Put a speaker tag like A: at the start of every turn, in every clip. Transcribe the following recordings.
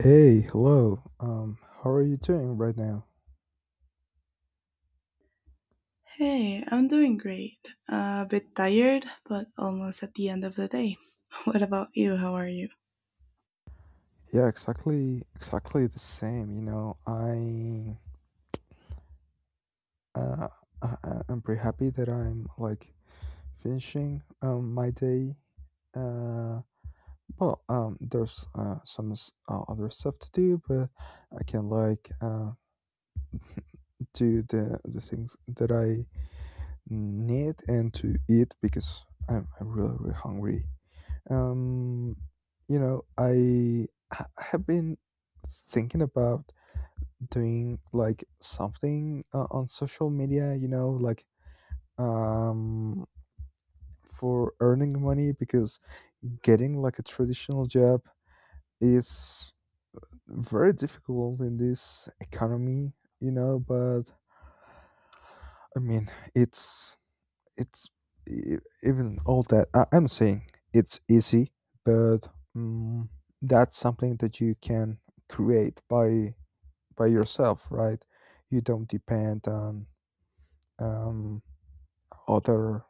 A: Hey, hello. How are you doing right now?
B: Hey, I'm doing great. A bit tired, but almost at the end of the day. What about you? How are you?
A: Yeah, exactly, exactly the same. Uh, I'm pretty happy that I'm like finishing my day. Uh, well, there's some other stuff to do, but I can like do the things that I need and to eat because I'm really really hungry. Um, I have been thinking about doing like something on social media, you know, like um for earning money because getting like a traditional job is very difficult in this economy, but I mean, it's it's e- even all that I'm saying it's easy, but mm, that's something that you can create by yourself, right? You don't depend on, um, other,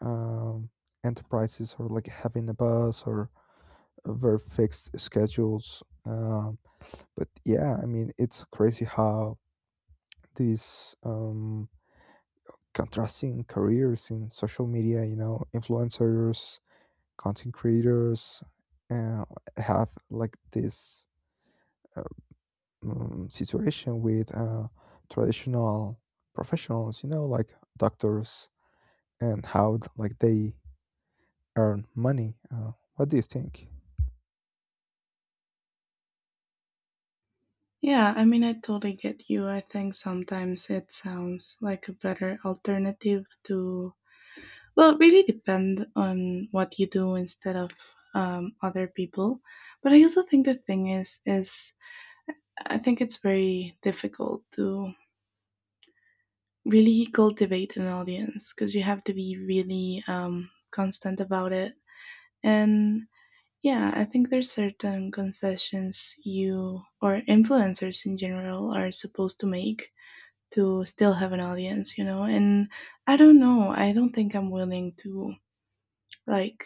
A: um, enterprises, or like having a bus, or very fixed schedules. But yeah, I mean, it's crazy how these, contrasting careers in social media, you know, influencers, content creators, uh, have like this, uh, situation with, traditional professionals, you know, like doctors, and how like they earn money. What do you think?
B: Yeah, I mean, I totally get you. I think sometimes it sounds like a better alternative to, well, really depend on what you do instead of other people. But I also think the thing is I think it's very difficult to really cultivate an audience because you have to be really constant about it. And yeah, I think there's certain concessions you or influencers in general are supposed to make to still have an audience, you know? And I don't know, I don't think I'm willing to, like,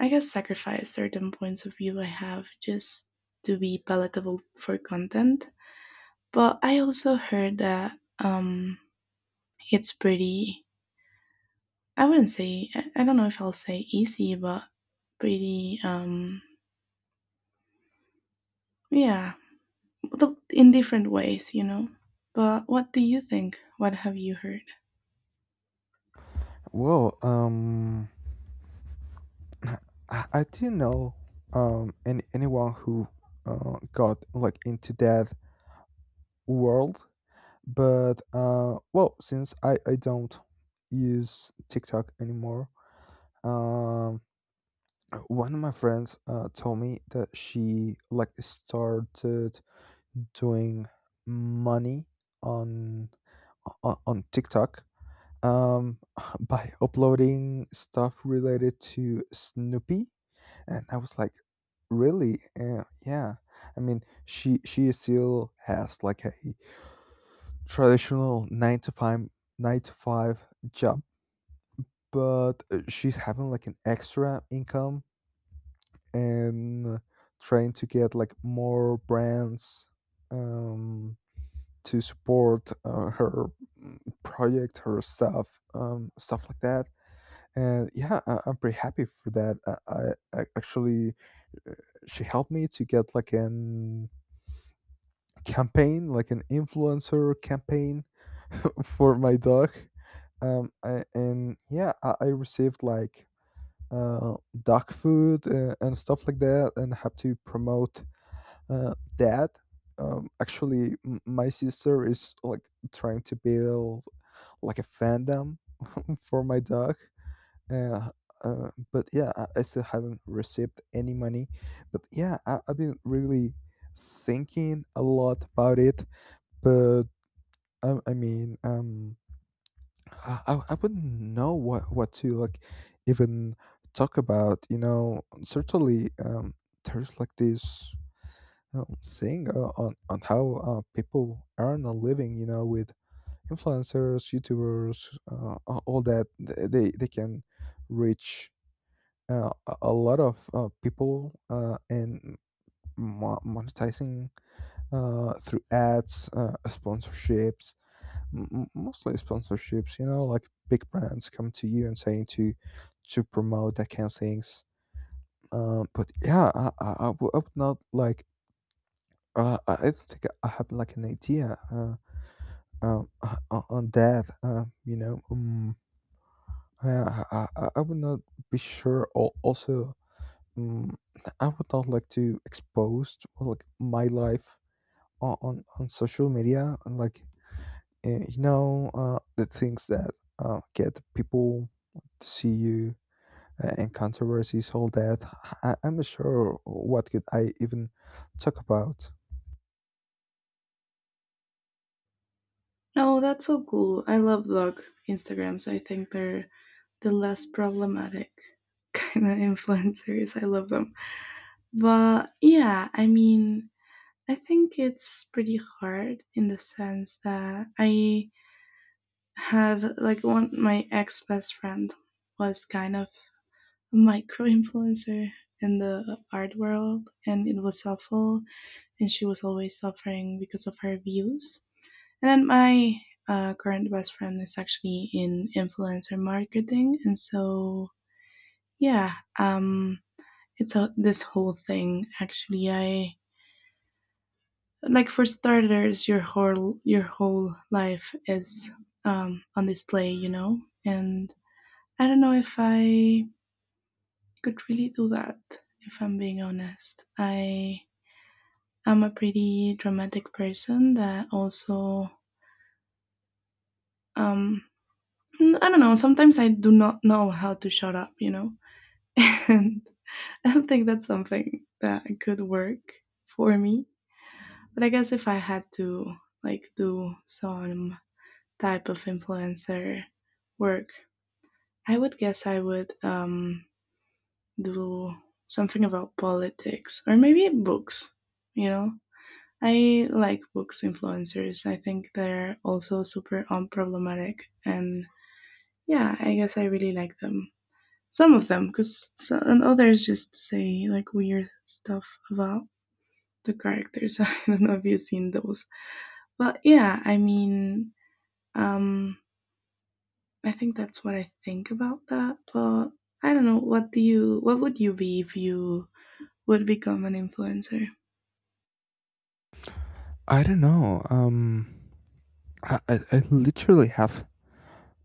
B: I guess sacrifice certain points of view I have just to be palatable for content. But I also heard that it's pretty, I wouldn't say I don't know if I'll say easy, but pretty yeah, well, in different ways, you know. But what do you think? What have you heard?
A: Well, I didn't know, anyone who got like into that world, but well, since I don't use TikTok anymore, um, one of my friends told me that she like started doing money on on TikTok, um, by uploading stuff related to Snoopy, and I was like, really? Yeah. I mean, she still has like a traditional nine to five job, but she's having like an extra income, and trying to get like more brands, um, to support, her, project, her stuff, stuff like that. And yeah, I'm pretty happy for that. Actually, she helped me to get like an campaign, like an influencer campaign for my dog. And yeah, I received like, uh, dog food, and stuff like that, and have to promote, dad, actually my sister is like trying to build like a fandom for my dog, uh, but yeah, I still haven't received any money, but yeah, I've been really thinking a lot about it. But I mean, I wouldn't know what to like even talk about. Certainly, there's like this, thing, on how, people earn a living. You know, with influencers, YouTubers, all that. They can reach, a lot of, people, and monetizing, through ads, sponsorships, mostly sponsorships. You know, like big brands come to you and saying, to promote that kind of things. But yeah, I would not like I don't think I have like an idea, on that. I, I, I would not be sure. Also, um, I would not like to expose, well, like my life on social media, and like, the things that, get people to see you, and controversies, all that. I'm not sure what could I even talk about.
B: Oh, that's so cool. I love vlog Instagrams. I think they're the less problematic kind of influencers. I love them. But yeah, I mean, I think it's pretty hard in the sense that I had like one, my ex best friend, was kind of a micro influencer in the art world, and it was awful, and she was always suffering because of her views. And then my current best friend is actually in influencer marketing, and so yeah, um, it's a, this whole thing. Actually, I, like for starters, your whole life is, on display, you know. And I don't know if I could really do that. If I'm being honest, I am a pretty dramatic person that also, um, I don't know. Sometimes I do not know how to shut up, you know? And I don't think that's something that could work for me. But I guess if I had to, like, do some type of influencer work, I would guess I would do something about politics or maybe books, you know? I like books influencers. I think they're also super unproblematic and yeah, I guess I really like them. Some of them, because some, and others just say like weird stuff about the characters. I don't know if you've seen those, but yeah, I mean, um, I think that's what I think about that. But I don't know. What do you? What would you be if you would become an influencer?
A: I don't know. I literally have,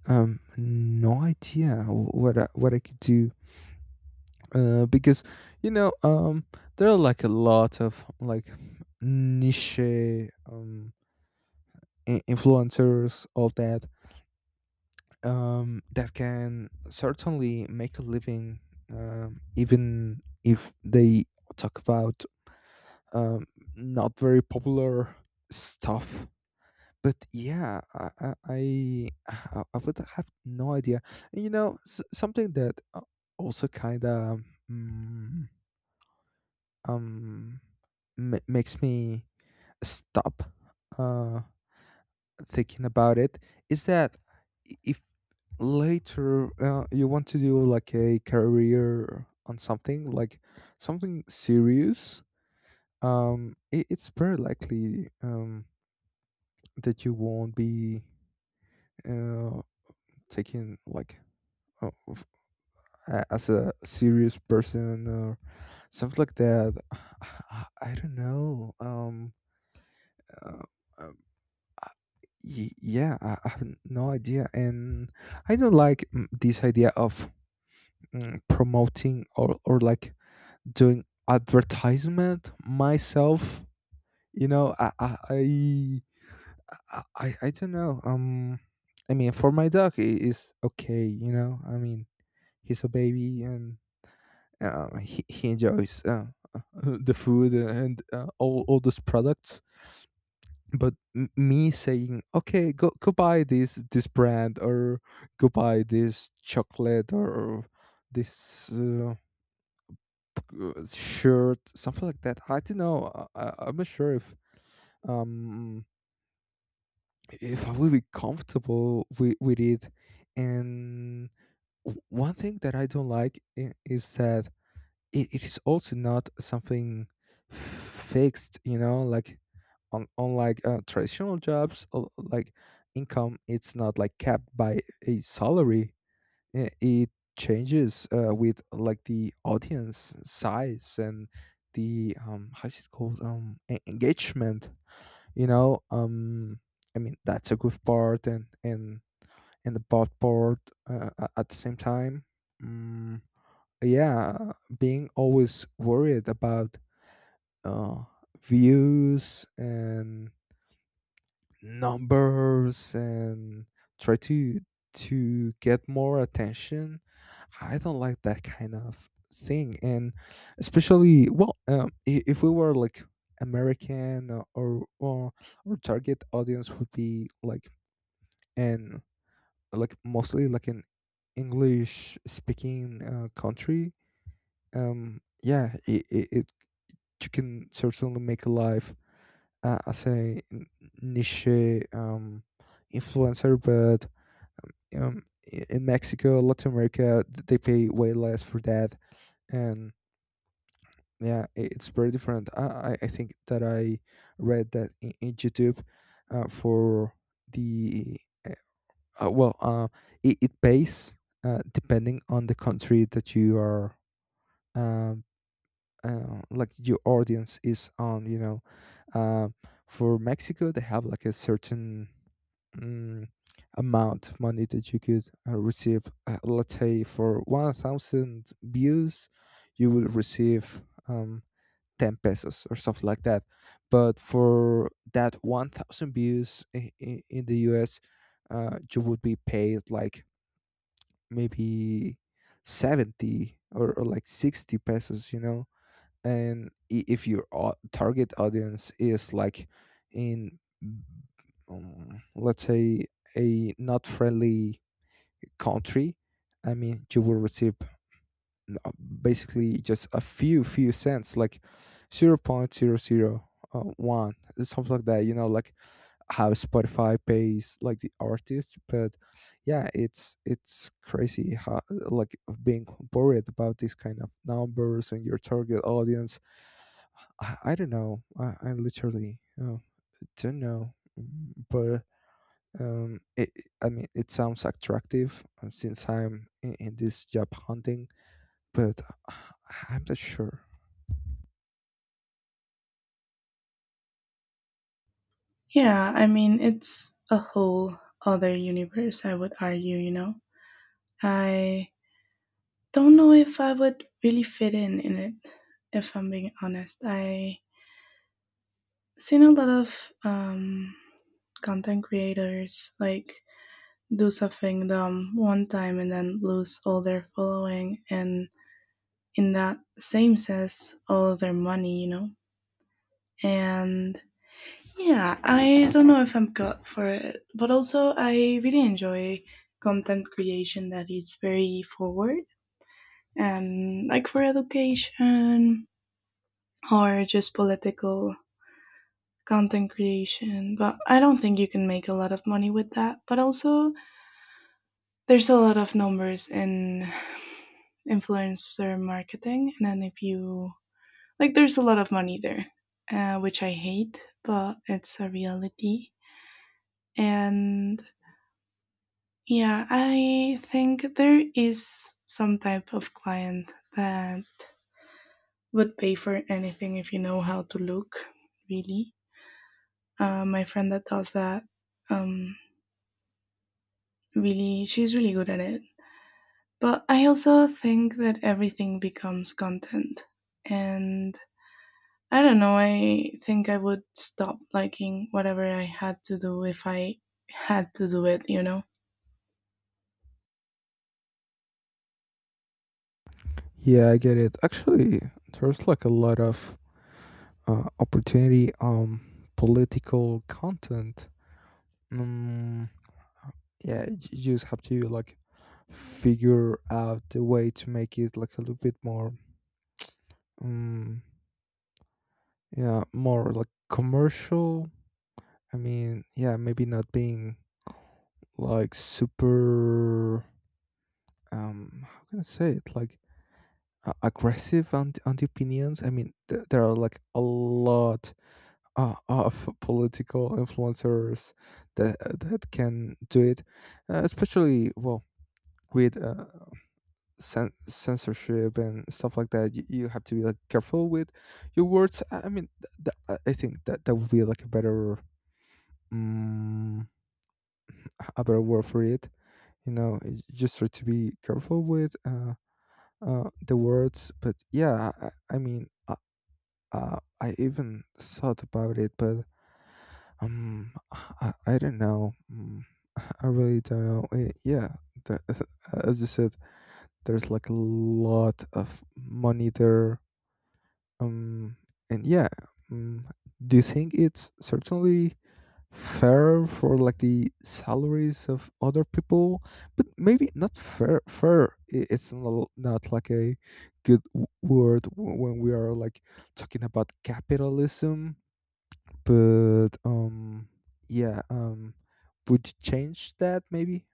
A: no idea what what I could do, because, you know um there are like a lot of like niche, um influencers, all that, that can certainly make a living, even if they talk about, um not very popular stuff. But yeah, I would have no idea. And something that, also kind of, um um makes me stop, uh thinking about it, is that if later, you want to do like a career on something, like something serious, it's very likely, that you won't be, uh taking like, uh, f- as a serious person, or stuff like that. I don't know uh, um, I- y- Yeah, I have no idea. And I don't like, this idea of, promoting, or like, doing advertisement myself you know i i i, I I don't know, I mean, for my dog it is okay. I mean, he's a baby, and, he enjoys, uh, the food, and, all those products. But me saying, okay, go buy this brand, or go buy this chocolate, or this, shirt, something like that, I don't know. I'm not sure if, um if I will be comfortable with it. And one thing that I don't like, is that it is also not something fixed, like, on unlike, traditional jobs. Like income, it's not like capped by a salary. It changes, with like the audience size, and the, how is it called, engagement, you know um I mean, that's a good part, and the bad part, at the same time. Mm yeah, being always worried about, uh views, and numbers, and try to get more attention. I don't like that kind of thing. And especially, well, if we were like American, or our target audience would be like, and like, mostly like an english speaking country. Yeah, you can certainly make a life, as a niche, um, influencer, but, um, um, in Mexico, Latin America, they pay way less for that, and yeah, it's very different. I think that I read that in YouTube, for the, uh, well, it pays, depending on the country that you are, um, like your audience is on, uh, for Mexico they have like a certain, mm, amount of money that you could, receive, let's say for 1,000 views you will receive, um, 10 pesos or something like that. But for that 1,000 views, in the US, you would be paid like maybe 70, or like 60 pesos, you know. And if your target audience is like in, let's say, a not friendly country, I mean, you will receive, n- uh, basically just a few cents, like 0.00, 0.001, something like that, you know, like how Spotify pays like the artists. But yeah, it's crazy how, like, being worried about these kind of numbers and your target audience. I don't know. I literally, don't know. But, I mean, it sounds attractive, since I'm in this job hunting, but uh, I'm not sure.
B: Yeah, I mean, it's a whole other universe, I would argue. You know, I don't know if I would really fit in it. If I'm being honest, I seen a lot of content creators, like, do something dumb one time and then lose all their following, and in that same sense all of their money, you know. And yeah, I don't know if I'm cut for it, but also I really enjoy content creation that is very forward and like for education or just political content creation, but I don't think you can make a lot of money with that. But also, there's a lot of numbers in influencer marketing, and then if you, like, there's a lot of money there, which I hate, but it's a reality. And yeah, I think there is some type of client that would pay for anything if you know how to look, really. My friend that does that, um, really, she's really good at it, but I also think that everything becomes content, and I don't know, I think I would stop liking whatever I had to do if I had to do it, you know.
A: Yeah, I get it. Actually, there's like a lot of, opportunity. Political content. Mm, Yeah, you just have to like figure out the way to make it like a little bit more, um, yeah, more like commercial. I mean, yeah, maybe not being like super, how can I say it? Like, aggressive on the opinions. I mean, there are like a lot, of political influencers that can do it, especially, well, with, censorship, and stuff like that. You have to be like careful with your words. I mean, I think that that would be like a better, um, a better word for it. You know, it's just try to be careful with, the words. But yeah, I mean, I even thought about it, but, um I don't know. I really don't know. Yeah, the, as you said, there's like a lot of money there, um and yeah, um, do you think it's certainly fair for like the salaries of other people, but maybe not? Fair fair, it's not like a good, word, when we are like talking about capitalism. But, yeah, would you change that, maybe?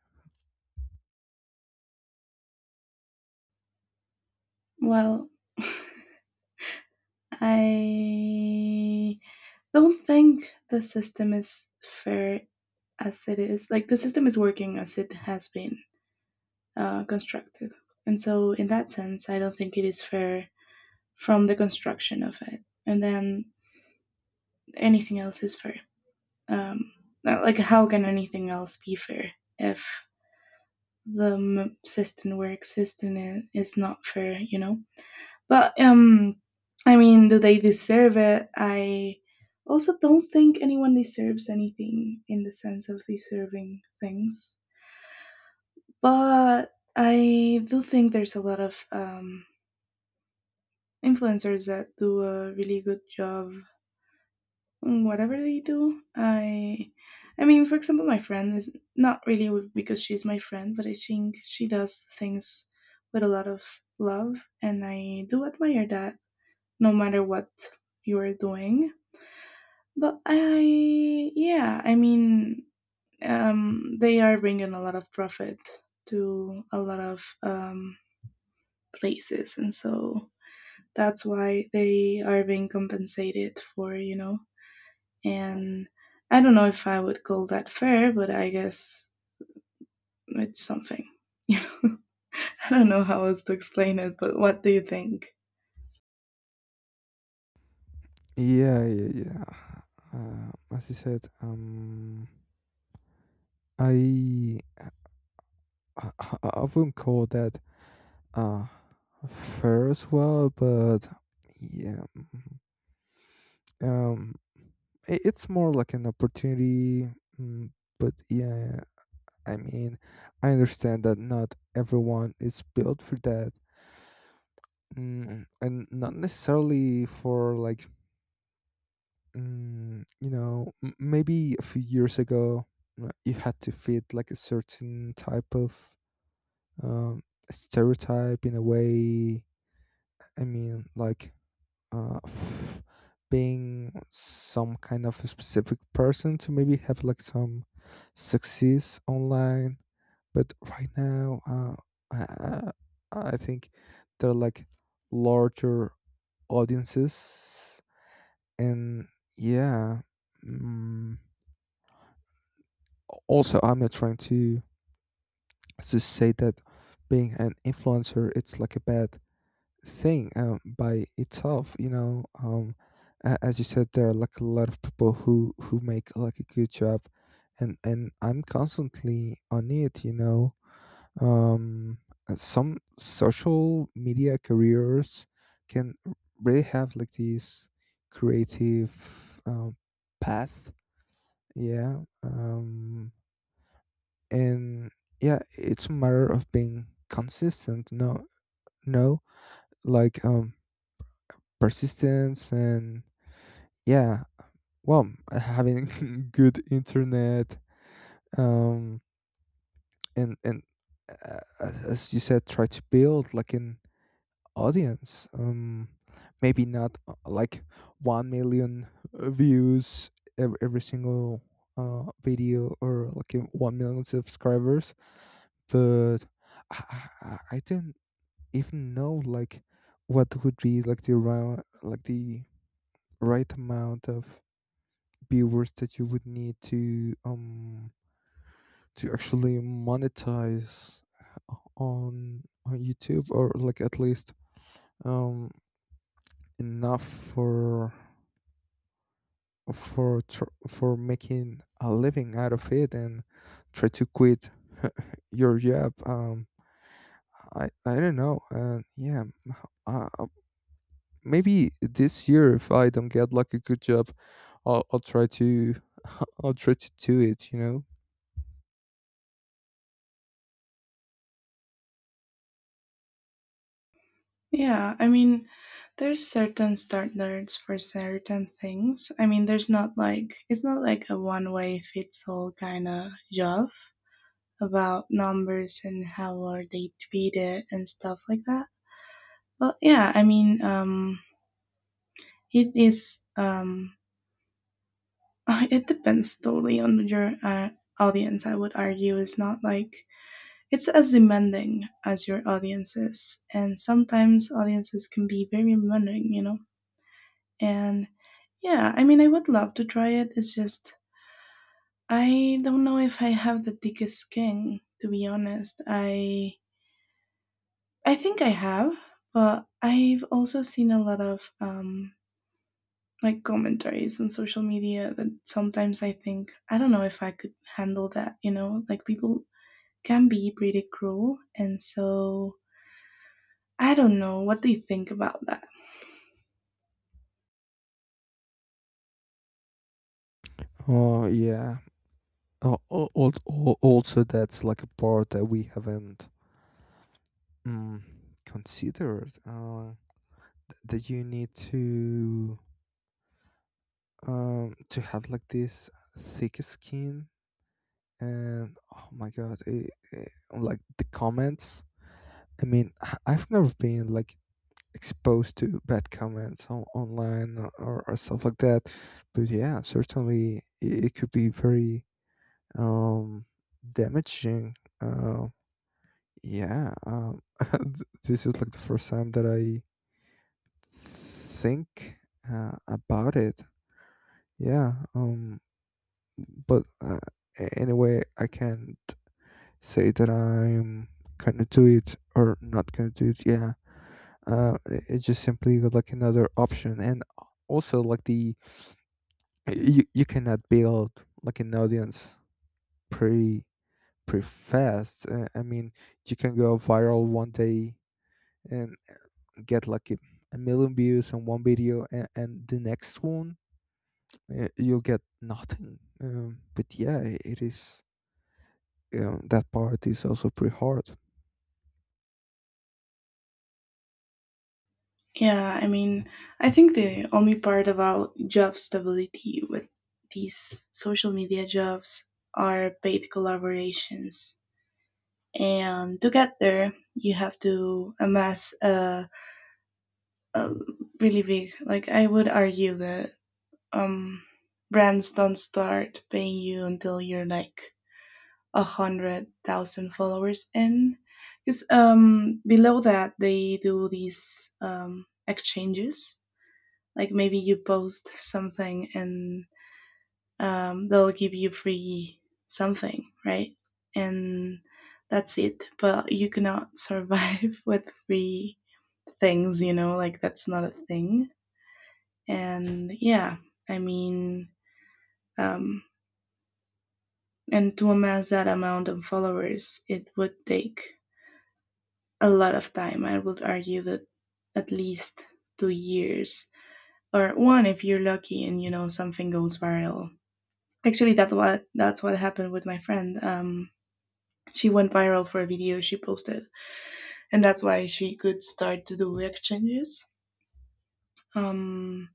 B: Well, I don't think the system is fair as it is. Like, the system is working as it has been constructed, and so in that sense I don't think it is fair from the construction of it, and then anything else is fair. Um, like, how can anything else be fair if the system we're existing in is not fair, you know? But, I mean, do they deserve it? I also don't think anyone deserves anything in the sense of deserving things. But I do think there's a lot of influencers that do a really good job, whatever they do. I mean for example my friend, is not really because she's my friend, but I think she does things with a lot of love, and I do admire that no matter what you are doing. But I, yeah, I mean, they are bringing a lot of profit to a lot of places, and so that's why they are being compensated for, you know. And I don't know if I would call that fair, but I guess it's something. You know, I don't know how else to explain it, but what do you think?
A: Yeah, yeah, yeah, as you said, i I wouldn't call that, uh fair as well, but yeah, um it's more like an opportunity. mm, but yeah, I mean, I understand that not everyone is built for that. And not necessarily for, like, maybe a few years ago, you had to fit like a certain type of, um, stereotype, in a way. I mean, like, uh, f- being some kind of a specific person to maybe have like some success online. But right now, I, I think there are like larger audiences, and yeah. Mm, Also, I'm not trying to say that being an influencer it's like a bad saying by itself. As you said, there are like a lot of people who make like a good job, and I'm constantly on it um, some social media careers can really have like these creative path. Yeah. And yeah, it's a matter of being consistent, no, no, like persistence, and yeah, well, having good internet. um and as you said, try to build like an audience. Maybe not like 1 million views every single video, or like 1 million subscribers. But i I don't even know like what would be like the, around like the right amount of viewers that you would need to actually monetize on YouTube, or like at least um enough for making a living out of it and try to quit your job. I don't know, and yeah. uh, uh, Maybe this year if I don't get like a good job, I'll try to I'll try to do it.
B: Yeah, I mean, there's certain standards for certain things. I mean, there's not, like, it's not like a one way fits all kind of job about numbers and how are they treated and stuff like that. But yeah, I mean, it is it depends totally on your audience. I would argue it's not like, it's as demanding as your audience is, and sometimes audiences can be very demanding, you know. And yeah, I mean, I would love to try it. It's just I don't know if I have the thickest skin. To be honest, I think I have, but I've also seen a lot of like commentaries on social media that sometimes I think I don't know if I could handle that, you know? Like people can be pretty cruel, and so I don't know what they think about that.
A: Oh, yeah. Oh, also, that's like a part that we haven't mm, considered. That you need to have like this thick skin, and oh my god, like the comments. I mean, I've never been like exposed to bad comments on, online, or stuff like that, but yeah, certainly it could be very um damaging. Uh, Yeah, this is like the first time that I think about it. Yeah, but anyway, I can't say that I'm gonna do it or not gonna do it. Yeah, it's just simply like another option, and also like the you cannot build like an audience pretty pretty fast. I mean, you can go viral one day and get like a million views on one video, and the next one you'll get nothing but yeah it is that part is also pretty hard.
B: Yeah, I mean, I think the only part about job stability with these social media jobs are paid collaborations. And to get there, you have to amass a really big, like, I would argue that um, brands don't start paying you until you're like 100,000 followers in. Because below that, they do these exchanges, like maybe you post something and they'll give you free something, right? And that's it. But you cannot survive with free things, you know, like that's not a thing. And yeah, I mean, um, and to amass that amount of followers, it would take a lot of time. I would argue that at least 2 years, or one if you're lucky and you know something goes viral. Actually, that what that's what happened with my friend. She went viral for a video she posted, and that's why she could start to do exchanges. Um,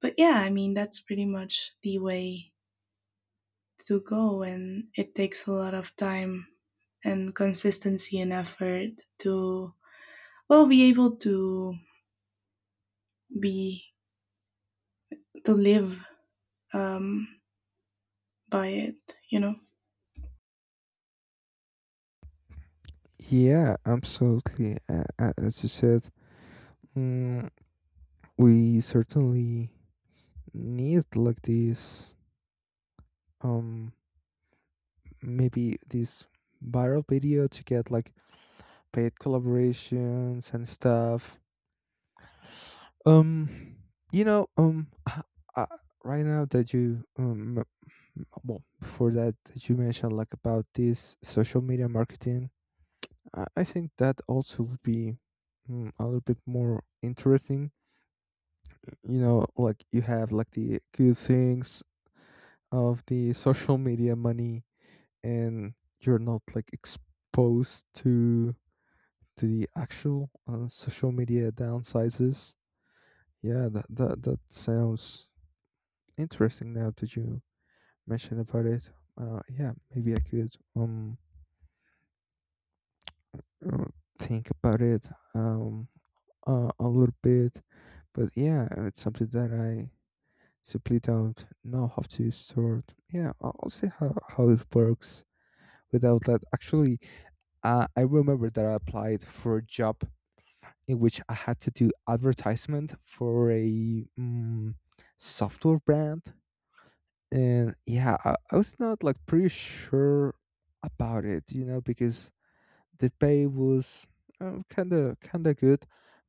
B: but yeah, I mean that's pretty much the way to go, and it takes a lot of time and consistency and effort to, well, be able to be, to live um, by it. You know.
A: Yeah, absolutely. As you said, mm, we certainly need like this um maybe this viral video to get like paid collaborations and stuff. Um, you know, um, uh, right now that you well, before that you mentioned like about this social media marketing, I think that also would be a little bit more interesting. You know, like you have like the good things of the social media money, and you're not like exposed to the actual social media downsides. Yeah, that sounds interesting. Now that you mention about it, yeah, maybe I could uh, think about it um a little bit, but yeah, it's something that I simply don't know how to sort. Yeah, I'll see how it works without that. Actually, I remember that I applied for a job in which I had to do advertisement for a software brand, and yeah, I was not like pretty sure about it, because the pay was kind of good,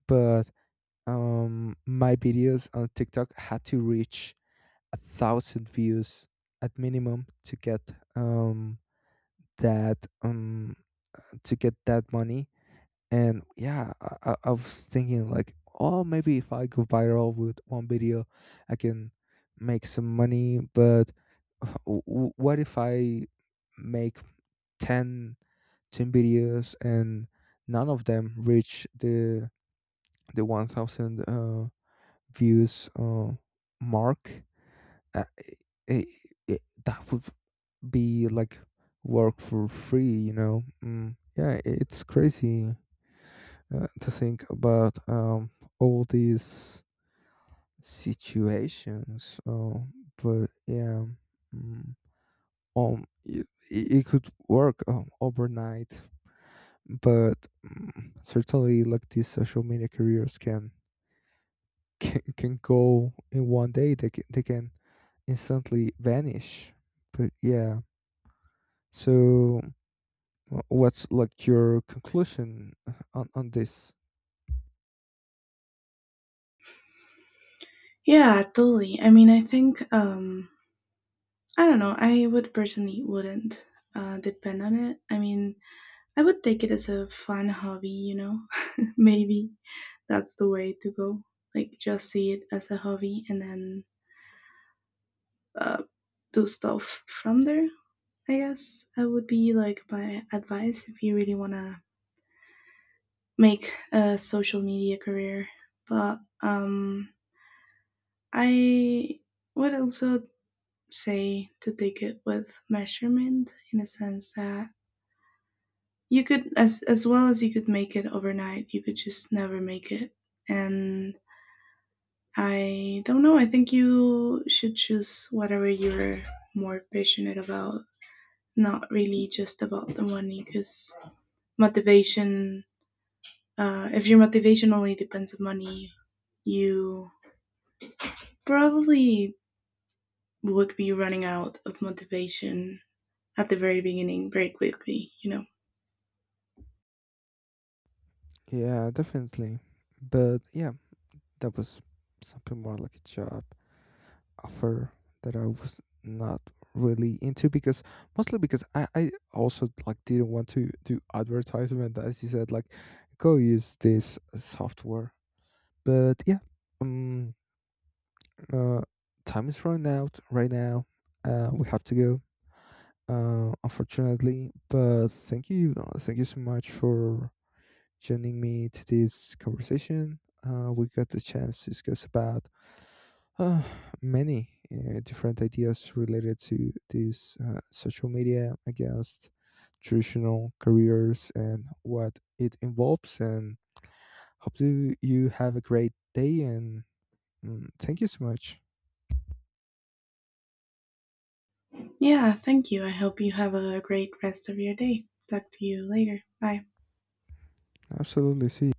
A: but my videos on tiktok had to reach 1,000 views at minimum to get that to get that money. And yeah, I was thinking like, oh, maybe if I go viral with one video, I can make some money. But what if I make 10 10 videos and none of them reach the 1,000 views mark? Uh, I I That would be like work for free, you know? Yeah, it's crazy to think about all these situations. But yeah, mm, it could work overnight, but certainly like these social media careers can go in one day. They can instantly vanish. But yeah, so what's like your conclusion on this?
B: Yeah, totally. I mean, I think I don't know. I would personally wouldn't depend on it. I mean, I would take it as a fun hobby, you know. Maybe that's the way to go. Like just see it as a hobby and then uh do stuff from there. I guess I would be, like, my advice if you really want to make a social media career. But I would also say to take it with measurement in a sense that you could, as well as you could make it overnight, you could just never make it. And I don't know, I think you should choose whatever you're more passionate about, not really just about the money, because motivation, if your motivation only depends on money, you probably would be running out of motivation at the very beginning very quickly, you know.
A: Yeah, definitely. But yeah, that was something more like a job offer that I was not really into, because mostly because I also like didn't want to do advertisement, as you said, like go use this software, but yeah. um uh Time is running out right now. We have to go, unfortunately. But thank you, thank you so much for joining me to this conversation. We got the chance to discuss about Uh, many different ideas related to this social media against traditional careers and what it involves. And hope you have a great day. And thank you so much.
B: Yeah, thank you. I hope you have a great rest of your day. Talk to you later. Bye.
A: Absolutely. See.